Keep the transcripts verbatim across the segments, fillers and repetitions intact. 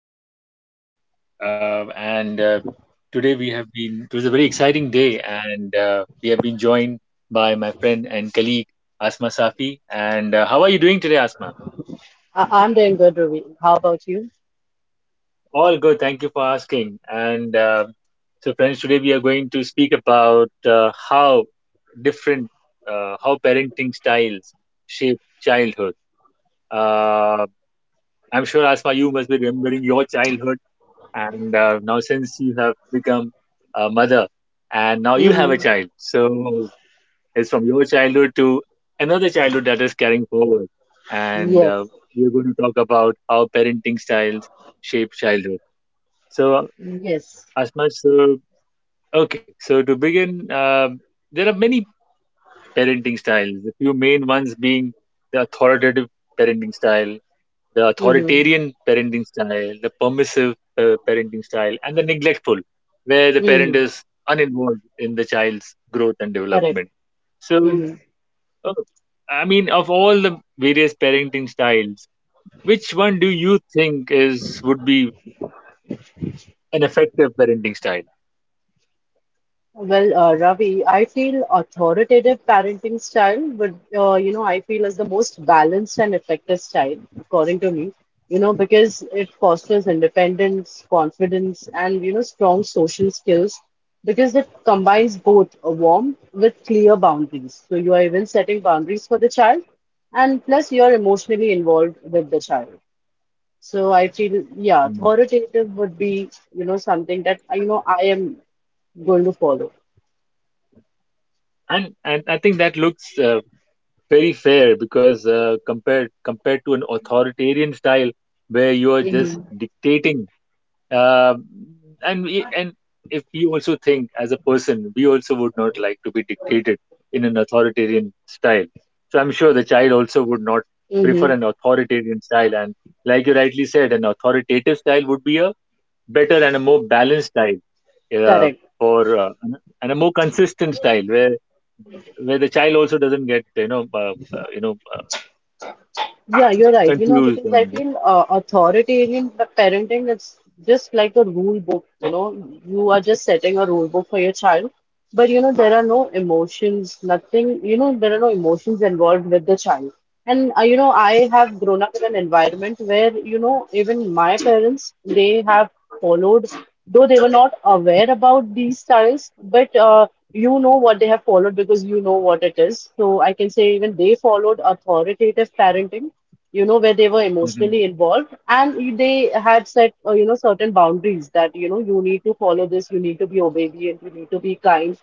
Ravi, uh, and uh, today we have been. It was a very exciting day, and uh, we have been joined by my friend and colleague Asma Safi. And uh, how are you doing today, Asma? I I'm doing good, Ruby. How about you? All good, thank you for asking. And uh, so, friends, today we are going to speak about uh, how different, uh, how parenting styles shape childhood. Uh, I'm sure, Asma, you must be remembering your childhood and uh, now since you have become a mother and now you have a Mm-hmm. child, so it's from your childhood to another childhood that is carrying forward, and uh, Yes. we're going to talk about how parenting styles shape childhood. So Yes. as much so, okay, so to begin, uh, there are many parenting styles, a few main ones being the authoritative parenting style, the Mm-hmm. authoritarian parenting style, the permissive uh, parenting style, and the neglectful, where the parent Mm-hmm. is uninvolved in the child's growth and Correct. development. So, Mm-hmm. uh, I mean, of all the various parenting styles, which one do you think is would be an effective parenting style? Well, uh, Ravi, I feel authoritative parenting style would, uh, you know, I feel is the most balanced and effective style, according to me, you know, because it fosters independence, confidence, and, you know, strong social skills because it combines both a warmth with clear boundaries. So you are even setting boundaries for the child, and plus you are emotionally involved with the child. So I feel, yeah, Hmm. authoritative would be, you know, something that, you know, I am going to follow. And and I think that looks uh, very fair, because uh, compared compared to an authoritarian style where you are just Mm-hmm. dictating. Um and we, and if you also think, as a person, we also would not like to be dictated in an authoritarian style. So I'm sure the child also would not prefer Mm-hmm. an authoritarian style. And like you rightly said, an authoritative style would be a better and a more balanced style, uh, Correct. for uh, an- and a more consistent style where where the child also doesn't get you know uh, uh, you know uh, Yeah, you're right. You know, confused because I and feel uh, authoritarian pa- parenting is just like a rule book. You know, you are just setting a rule book for your child, but you know, there are no emotions, nothing, you know, there are no emotions involved with the child. And uh, you know, I have grown up in an environment where, you know, even my parents, they have followed, though they were not aware about these styles, but uh, you know what they have followed because you know what it is. So I can say even they followed authoritative parenting, you know, where they were emotionally involved and they had set, uh, you know, certain boundaries that, you know, you need to follow this, you need to be obedient, you need to be kind.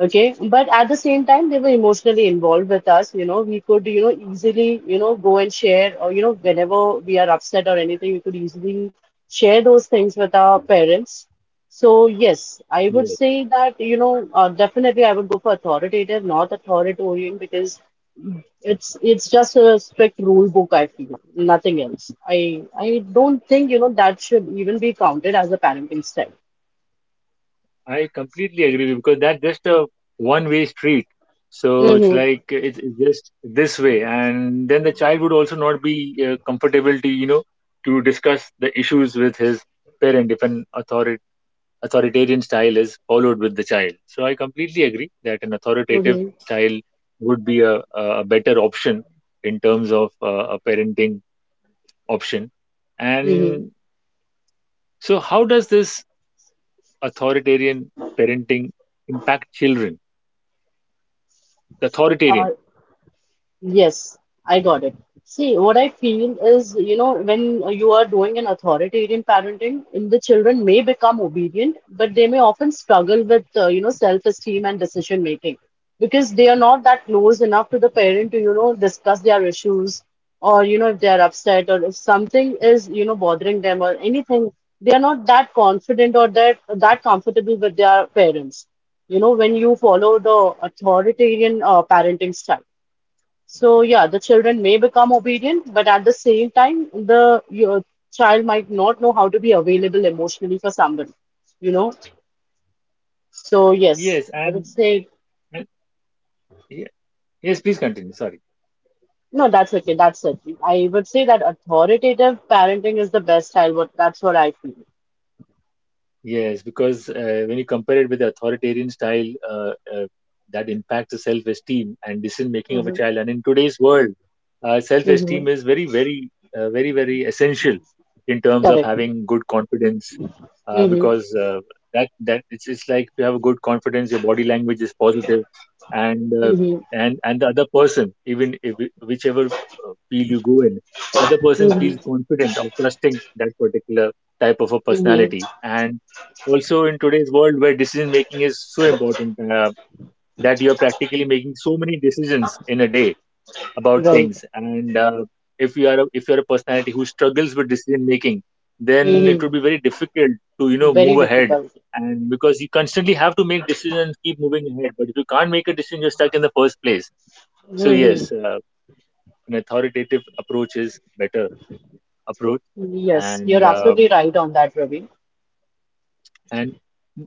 Okay. But at the same time, they were emotionally involved with us. You know, we could, you know, easily, you know, go and share, or, you know, whenever we are upset or anything, we could easily share those things with our parents. So, yes, I would Mhm. say that, you know, uh, definitely I would go for authoritative, not authoritarian, because it's it's just a strict rule book, I feel, nothing else. I I don't think, you know, that should even be counted as a parenting style. I completely agree with you, because that's just a one-way street. So it's Mm-hmm. like it's it's just this way, and then the child would also not be uh, comfortable to you know to discuss the issues with his parent if an authori authoritarian style is followed with the child. So I completely agree that an authoritative Mm-hmm. style would be a, a a better option in terms of uh, a parenting option. Mm-hmm. And so, how does this authoritarian parenting impact children? The authoritarian. Yes, I got it. See, what I feel is, you know, when you are doing an authoritarian parenting, in the children may become obedient, but they may often struggle with, uh, you know, self-esteem and decision making because they are not that close enough to the parent to, you know, discuss their issues or, you know, if they are upset or if something is, you know, bothering them or anything, they are not that confident or that that comfortable with their parents. You know, when you follow the authoritarian uh, parenting style. So yeah, the children may become obedient, but at the same time, the your child might not know how to be available emotionally for somebody, you know. So yes, yes I and, would say and- yeah, yes, please continue, sorry. no, that's okay, that's it. I would say that authoritative parenting is the best style. What That's what I feel. Yes, because uh, when you compare it with the authoritarian style, uh, uh, that impacts the self-esteem and decision-making of a hmm child. And in today's world, uh, hmm self-esteem is very, very, uh, very, very essential in terms of Correct. having good confidence, uh, hmm because uh, that that it's it's like if you have a good confidence, your body language is positive, and uh, hmm and and the other person, even if whichever uh, field you go in, the other person hmm feels confident or trusting that particular type of a hmm personality. And also in today's world where decision making is so important, uh, that you're practically making so many decisions in a day about Right. things. And uh, if you are a, if you're a personality who struggles with decision making, then it hmm would be very difficult to, you know, Very move ahead, difficult. and because you constantly have to make decisions, keep moving ahead, but if you can't make a decision, you're stuck in the first place. So hmm yes, uh, an authoritative approach is better approach. Yes, you're And uh, absolutely right on that, Ravi. and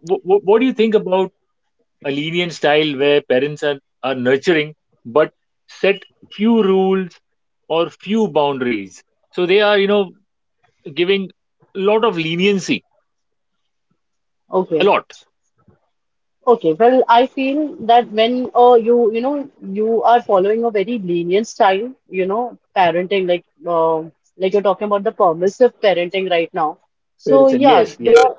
w- w- what do you think about a lenient style where parents are, are nurturing but set few rules or few boundaries? So they are, you know, giving a lot of leniency, a Okay. lot. Okay, well, I feel that when uh, you you know you are following a very lenient style, you know, parenting like uh, like you're talking about the permissive parenting right now. So Parents and yeah, yes, yes, the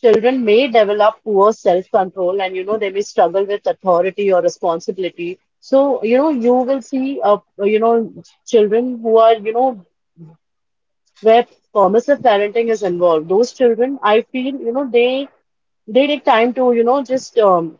children may develop poor self-control, and you know they may struggle with authority or responsibility. So you know you will see uh, you know children who are, you know, where permissive parenting is involved. Those children, I feel, you know, they they take time to, you know, just um,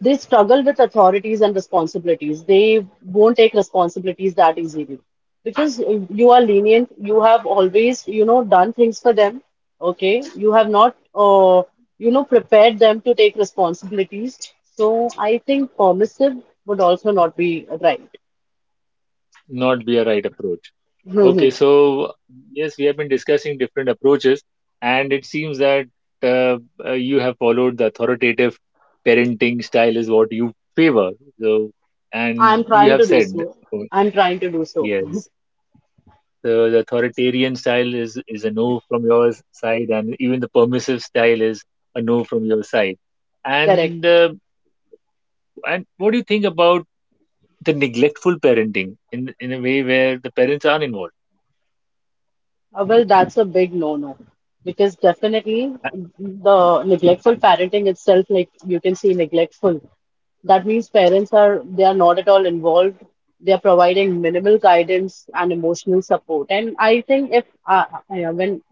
they struggle with authorities and responsibilities. They won't take responsibilities that easily because uh, you are lenient. You have always, you know, done things for them. Okay, you have not, uh, you know, prepared them to take responsibilities. So I think permissive would also not be right. not be a right approach. Okay, Mhm. so yes, we have been discussing different approaches, and it seems that uh, uh, you have followed the authoritative parenting style is what you favor. So, and I'm you trying have to do said, so. oh, I'm trying to do so. yes, the, the authoritarian style is is a no from your side, and even the permissive style is a no from your side. Correct. And uh, and what do you think about the neglectful parenting, in in a way where the parents aren't involved? Uh, well, that's a big no-no because definitely Uh, the neglectful parenting itself, like you can see neglectful. That means parents are they are not at all involved. They are providing minimal guidance and emotional support. And I think if uh, uh, yeah, when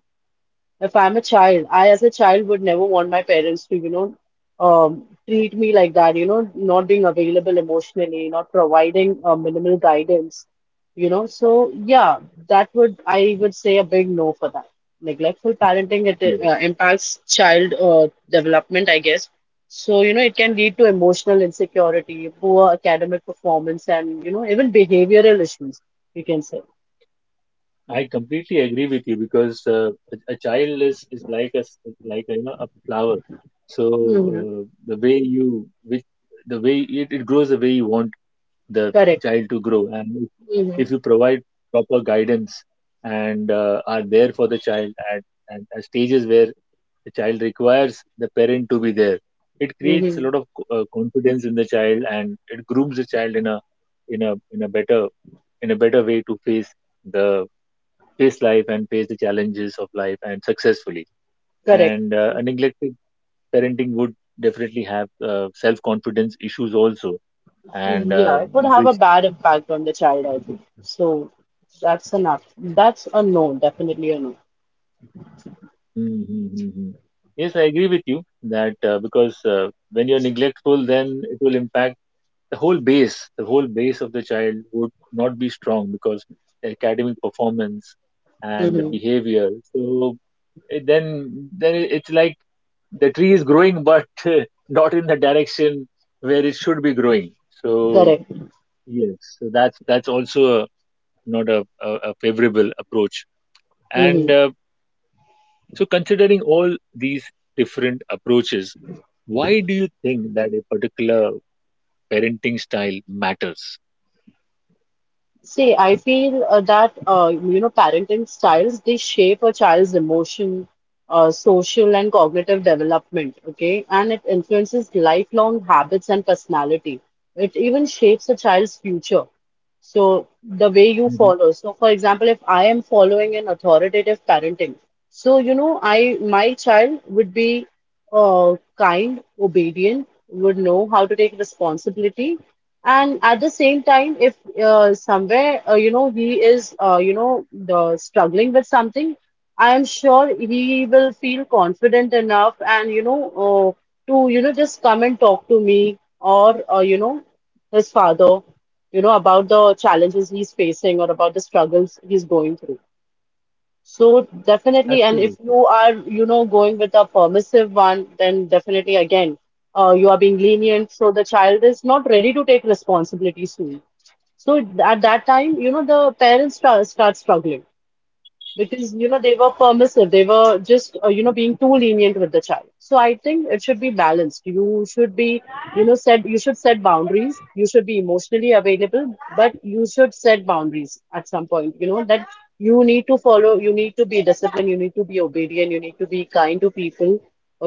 if I'm a child, I as a child would never want my parents to, you know, um, treat me like that, you know, not being available emotionally, not providing uh, minimal guidance, you know. So yeah, that would, I would say, a big no for that. Neglectful parenting, it uh, Yes. impacts child uh, development, I guess. So, you know, it can lead to emotional insecurity, poor academic performance, and, you know, even behavioral issues, you can say. I completely agree with you, because uh, a, a child is, is like a s- like a, you know, a flower. So hmm uh, the way you which the way it, it grows the way you want the Correct. child to grow, and if, hmm if you provide proper guidance and uh, are there for the child at, at, at stages where the child requires the parent to be there, it creates hmm a lot of co- uh, confidence in the child, and it grooms the child in a in a in a better, in a better way to face the face life and face the challenges of life, and successfully. Correct. And uh, a neglected parenting would definitely have uh, self confidence issues also. And Yeah, uh, it would have a which, bad impact on the child, I think. So that's enough. That's a no, definitely a no. mm, mm, mm, mm. yes, I agree with you that uh, because uh, when you're neglectful, then it will impact the whole base, the whole base of the child would not be strong, because the academic performance and the hmm behavior. So it, then, then it's like the tree is growing, but uh, not in the direction where it should be growing. So Correct. yes, so that's that's also a, not a, a, a favorable approach. And hmm uh, so, considering all these different approaches, why do you think that a particular parenting style matters? See, I feel uh, that uh, you know, parenting styles they shape a child's emotion, uh, social and cognitive development. Okay, and it influences lifelong habits and personality. It even shapes a child's future. So the way you follow. So for example, if I am following an authoritative parenting, so you know, I my child would be uh, kind, obedient, would know how to take responsibility, and at the same time, if uh, somewhere uh, you know he is uh, you know the struggling with something, I am sure he will feel confident enough and you know uh, to, you know, just come and talk to me or uh, you know his father, you know, about the challenges he's facing or about the struggles he's going through. So definitely, and if Absolutely. you are, you know, going with a permissive one, then definitely again, uh, you are being lenient. So the child is not ready to take responsibility soon. So at that time, you know, the parents start, start struggling because you know they were permissive, they were just, uh, you know, being too lenient with the child. So I think it should be balanced. You should be, you know, set you should set boundaries, you should be emotionally available, but you should set boundaries at some point, you know, that you need to follow, you need to be disciplined, you need to be obedient, you need to be kind to people.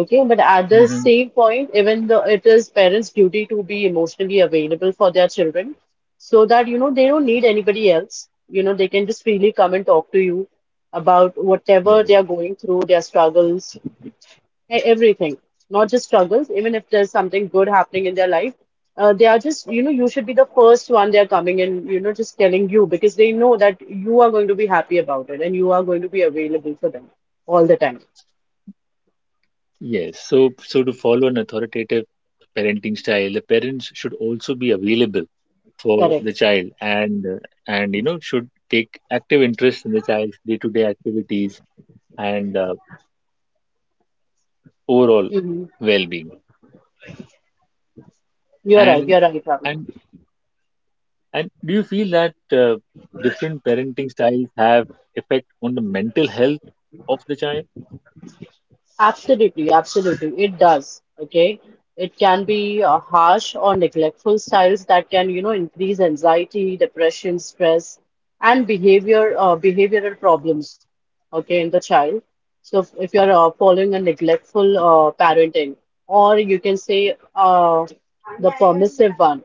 Okay, but at the Hmm. same point, even though it is parents duty to be emotionally available for their children, so that you know they don't need anybody else, you know, they can just freely come and talk to you about whatever Yes. they are going through, their struggles, e- everything. Not just struggles, even if there's something good happening in their life, uh, they are just, you know, you should be the first one they are coming and, you know, just telling you, because they know that you are going to be happy about it and you are going to be available for them all the time. Yes. So, so to follow an authoritative parenting style, the parents should also be available for Correct. the child, and uh, and you know, should take active interest in the child's day-to-day activities and uh, overall hmm well-being. You're right. And You're right, Ravi. and and do you feel that uh, different parenting styles have effect on the mental health of the child? Absolutely, absolutely. It does. Okay. It can be uh, harsh or neglectful styles that can, you know, increase anxiety, depression, stress, and behavior uh, behavioral problems. Okay, in the child. So if, if you're uh, following a neglectful uh, parenting, or you can say uh, the permissive one.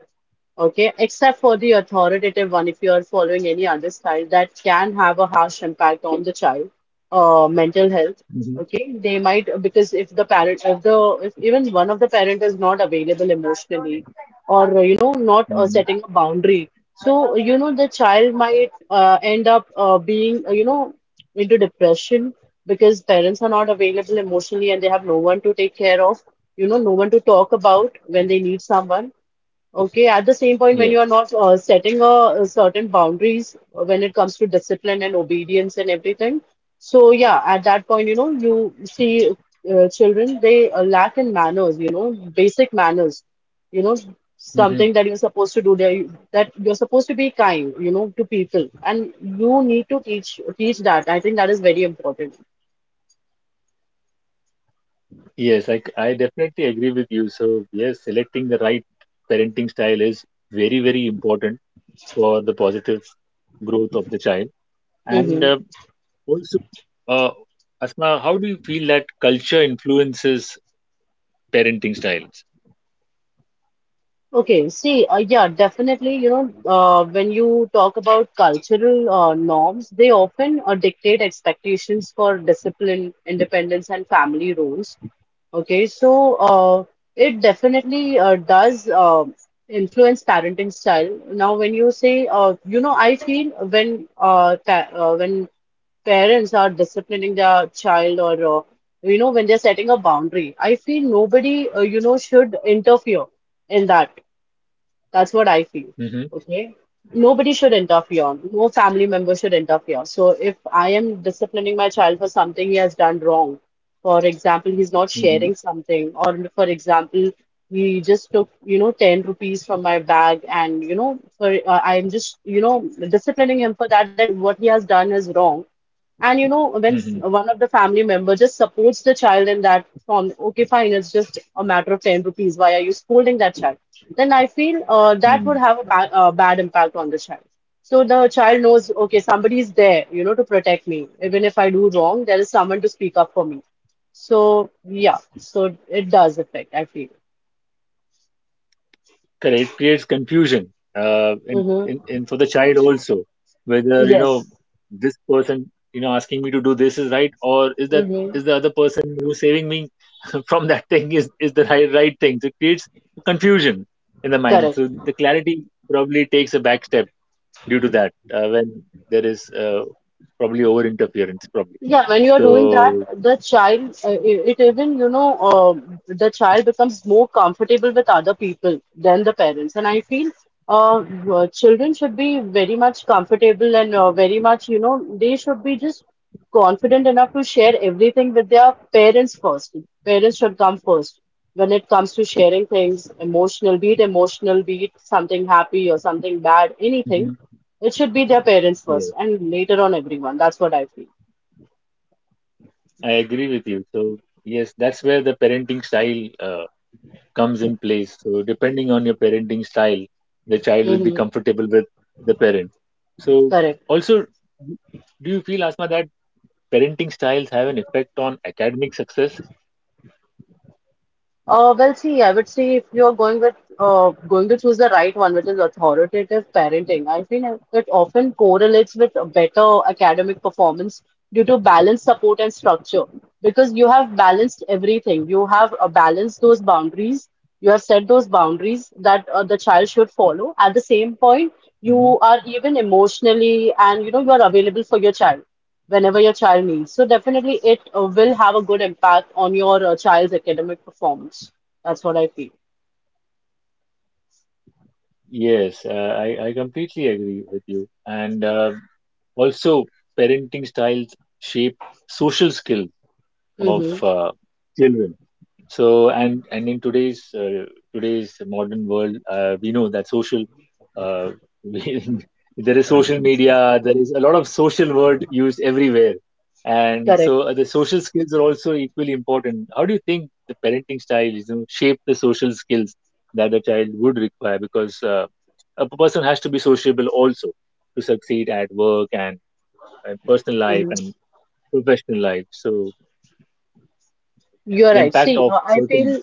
Okay, except for the authoritative one, if you are following any other style, that can have a harsh impact on the child, uh, mental health. Hmm. Okay, they might, because if the parent, if the if even one of the parent is not available emotionally, or you know, not uh, Hmm. setting a boundary, so you know the child might uh, end up uh, being, uh, you know, into depression because parents are not available emotionally and they have no one to take care of, you know, no one to talk about when they need someone. Okay, at the same point, when Yes. you are not uh, setting a, a certain boundaries uh, when it comes to discipline and obedience and everything, so yeah, at that point, you know, you see uh, children, they uh, lack in manners, you know, basic manners, you know, Mm-hmm. something that you're supposed to do there, that you're supposed to be kind, you know, to people, and you need to teach teach that. I think that is very important. Yes, I, I definitely agree with you. So, yes, selecting the right parenting style is very, very important for the positive growth of the child. And uh, also, uh, Asma, how do you feel that culture influences parenting styles? Okay, see, uh, yeah, definitely, you know, uh, when you talk about cultural uh, norms, they often uh, dictate expectations for discipline, independence, and family roles. Okay, so uh, it definitely uh, does uh, influence parenting style. Now, when you say, uh, you know, I feel when uh, pa uh, when parents are disciplining their child or uh, you know when they're setting a boundary, I feel nobody uh, you know should interfere in that that's what I feel. Mm-hmm, Okay. Nobody should interfere. No family member should interfere. So if I am disciplining my child for something he has done wrong, for example, he's not mm-hmm, sharing something, or for example, he just took, you know, ten rupees from my bag, and, you know, for uh, I'm just, you know, disciplining him for that, that what he has done is wrong. And you know, when s- mm-hmm, one of the family member just supports the child in that form, okay, fine, it's just a matter of ten rupees. Why are you scolding that child? Then I feel uh, that mm-hmm. would have a ba uh, bad impact on the child. So the child knows, okay, somebody is there, you know, to protect me. Even if I do wrong, there is someone to speak up for me. So yeah, so it does affect, I feel. Correct. It creates confusion uh, in, in, Mm-hmm. in for the child also, whether, you know, Yes. this person, you know, asking me to do this is right, or is that Mm-hmm. is the other person who's saving me from that thing is, is the right, right thing. So it creates confusion in the mind. Correct. So the clarity probably takes a back step due to that uh, when there is uh, probably over interference, probably. Yeah, when you are doing that, So, the child, uh, i- it even, you know, uh, the child becomes more comfortable with other people than the parents. And I feel uh, uh, children should be very much comfortable and uh, very much, you know, they should be just confident enough to share everything with their parents first. Parents should come first when it comes to sharing things, emotional, be it emotional, be it something happy or something bad, anything. Mhm. It should be their parents yes, first and later on everyone. That's what I feel. I agree with you. So, yes, that's where the parenting style uh, comes in place. So, depending on your parenting style, the child will be Hmm. comfortable with the parent. So, Correct. also, d- do you feel, Asma, that parenting styles have an effect on academic success? Uh, well, see, I would say if you're going with uh, going to choose the right one, which is authoritative parenting, I think it often correlates with a better academic performance due to balanced support and structure. Because you have balanced everything, you have uh, balanced those boundaries, you have set those boundaries that uh, the child should follow. At the same point, Hmm. you are even emotionally and you know you are available for your child whenever your child needs. So definitely it uh, will have a good impact on your uh, child's academic performance. That's what I feel. Yes, uh, I, I completely agree with you. And uh, also, parenting styles shape social skills of Mm-hmm. uh, children. So and and in today's uh, today's modern world, uh, we know that social uh, we, there is social media, there is a lot of social word used everywhere, and Correct. so uh, the social skills are also equally important. How do you think the parenting style is, you know, shape the social skills that the child would require? Because uh, a person has to be sociable also to succeed at work and uh, personal life Hmm. and professional life. So You're the right. impact See, of uh, I certain feel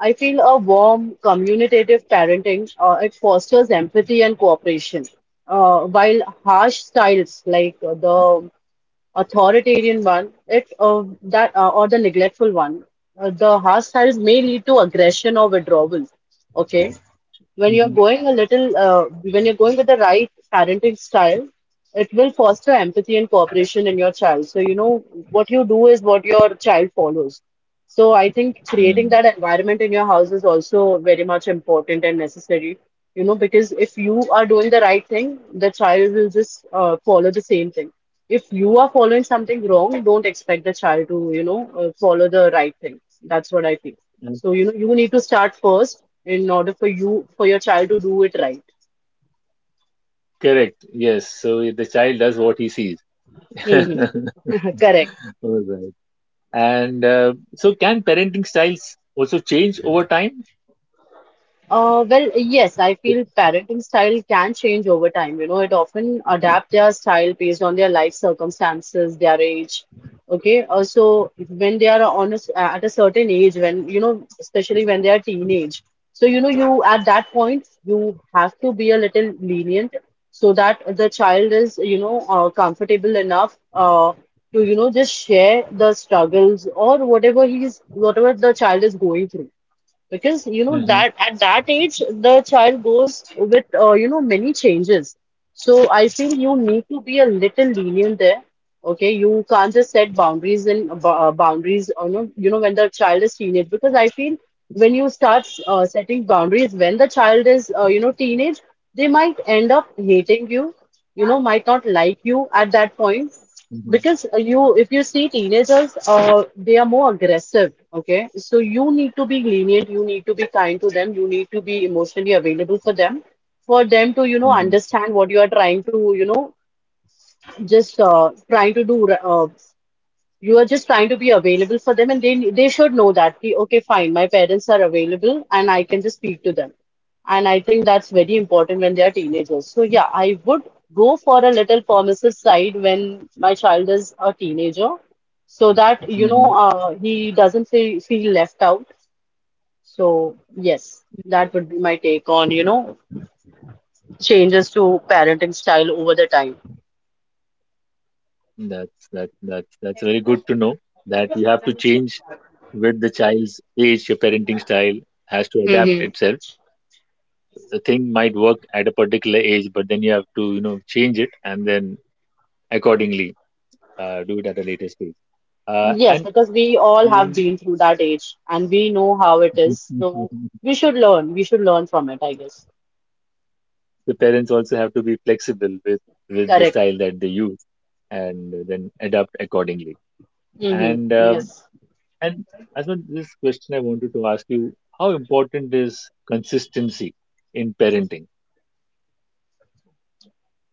I feel a warm, communicative parenting. Uh, it fosters empathy and cooperation. Uh, while harsh styles like uh, the authoritarian one, it uh, that uh, or the neglectful one. Uh, the harsh styles may lead to aggression or withdrawal. Okay, when you're Mhm. going a little, uh, when you're going with the right parenting style, it will foster empathy and cooperation in your child. So you know what you do is what your child follows. So I think creating that environment in your house is also very much important and necessary, you know, because if you are doing the right thing, the child will just uh, follow the same thing. If you are following something wrong, don't expect the child to, you know, uh, follow the right thing. That's what I think. Mm. So, you know, you need to start first in order for you, for your child to do it right. Correct. Yes. So the child does what he sees. All Hmm. Correct. right. And uh, so, can parenting styles also change over time? Uh, well, yes, I feel parenting style can change over time. You know, it often adapt their style based on their life circumstances, their age. Okay, also when they are on a, s- uh, at a certain age, when you know, especially when they are teenage. So you know, you at that point you have to be a little lenient so that the child is you know uh, comfortable enough uh, to you know just share the struggles or whatever he's whatever the child is going through because you know Mm-hmm, that at that age the child goes with uh, you know many changes. So I feel you need to be a little lenient there. Okay, you can't just set boundaries and uh, bou- uh, boundaries. uh, You know, you know when the child is teenage because I feel when you start uh, setting boundaries when the child is uh, you know teenage they might end up hating you. You know, might not like you at that point. mm-hmm, Because uh, you, if you see teenagers, uh, they are more aggressive, okay? So you need to be lenient, you need to be kind to them, you need to be emotionally available for them, for them to, you know, mm-hmm, understand what you are trying to, you know, just uh, trying to do. Uh, you are just trying to be available for them and they they should know that कि, okay fine my parents are available and I can just speak to them and I think that's very important when they are teenagers so yeah I would go for a little permissive side when my child is a teenager so that you know mm-hmm. uh, he doesn't feel, feel left out so yes that would be my take on you know changes to parenting style over the That's that that's that's very good to know that you have to change with the child's age. Your parenting style has to adapt time. itself. The thing might work at a particular age, but then you have to, you know, change it, and then accordingly uh, do it at a later stage. Uh, Yes, and because we all have and been through that age and we know how it is. So we should learn. We should learn from it, I guess. the parents also have to be flexible with with the Correct. style that they use, and then adapt accordingly. Hmm. And um, Yes. and as well, this question I wanted to ask you, how important is consistency in parenting?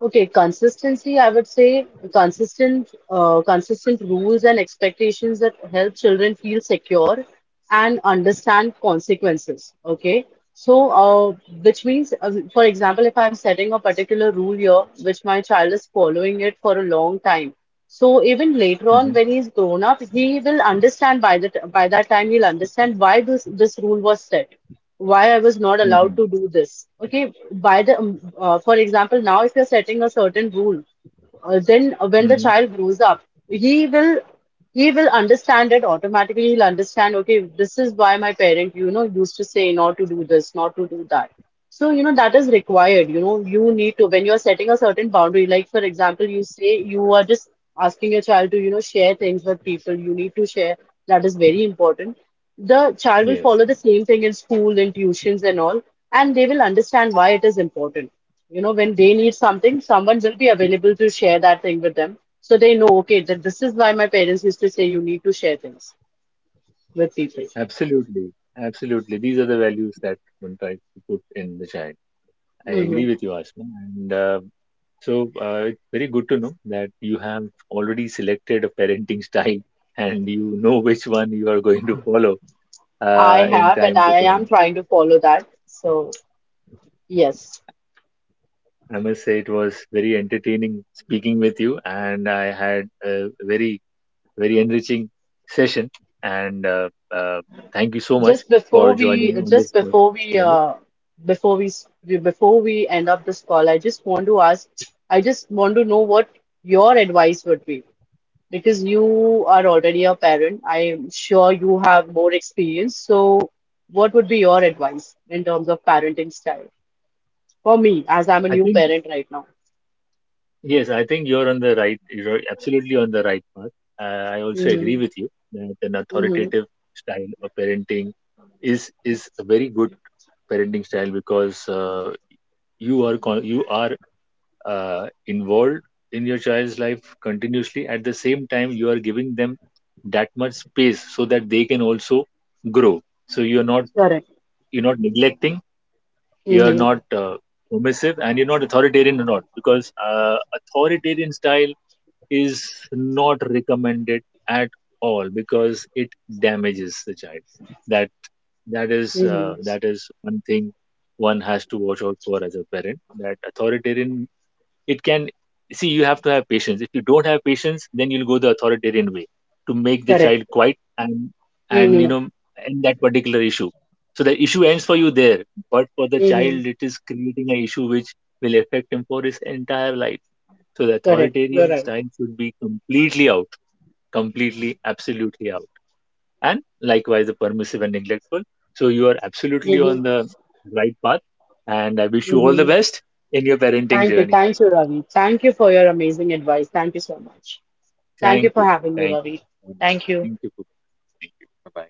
Okay, consistency, I would say consistent, uh, consistent rules and expectations that help children feel secure and understand consequences. Okay. So, uh, which means, uh, for example, if I'm setting a particular rule here, which my child is following it for a long time. So even later on, Hmm. when he's grown up, he will understand by that by that time he'll understand why this this rule was set, why I was not allowed Hmm. to do this. Okay, by the um, uh, for example, now if you're setting a certain rule, uh, then when the Hmm. child grows up, he will he will understand it automatically. He'll understand, okay, this is why my parent, you know, used to say not to do this, not to do that. So, you know, that is required. You know, you need to, when you're setting a certain boundary, like for example, you say you are just asking your child to, you know, share things with people, you need to share. That is very important. The child will Yes. follow the same thing in school, in tuitions and all, and they will understand why it is important. You know, when they need something, someone will be available to share that thing with them. So they know, okay, that this is why my parents used to say you need to share things with people. Absolutely, absolutely, these are the values that one tries to put in the child. I Hmm. agree with you, Asma. And uh, so uh, it's very good to know that you have already selected a parenting style, and you know which one you are going to follow I uh, in have, and time to I am come. trying to follow that. So. Yes. I must say it was very entertaining speaking with you, and I had a very, very enriching session. And uh, uh, thank you so much Just for before we, joining on this. just Pod- before we, yes. uh, before we, s- we- Before we end up this call, I just want to ask, I just want to know what your advice would be because you are already a parent. I'm sure you have more experience. So, what would be your advice in terms of parenting style for me, as I'm a I new think parent right now? yes, I think you're on the right, you're absolutely on the right path. Uh, I also agree Mm-hmm. with you that an Mm-hmm. authoritative style of parenting is is a very good parenting style, because uh, you are con- you are uh, involved in your child's life continuously. At the same time, you are giving them that much space so that they can also grow. So you're not Correct. you're not neglecting, you're Mm-hmm. not uh, permissive, and you're not authoritarian, or not, because uh, authoritarian style is not recommended at all, because it damages the child. That that is uh, Mm-hmm. that is one thing one has to watch out for as a parent, that authoritarian, it can, see, you have to have patience. If you don't have patience, then you'll go the authoritarian way to make the Correct. child quiet and and you Mm-hmm. know, end that particular issue. So the issue ends for you there, but for the Mm-hmm. child it is creating an issue which will affect him for his entire life. So the Correct. You're authoritarian right. style should be completely out, completely absolutely out, and likewise the permissive and neglectful. So you are absolutely on the right path, and I wish you all the Mm-hmm. best in your parenting Thank you. journey, Thank you, Asma. Ravi. Thank you for your amazing advice. Thank you so much. Thank you Thank for you. having me, Thank you. Ravi. Bye-bye. Thank you. Thank you. For- thank you. Bye-bye.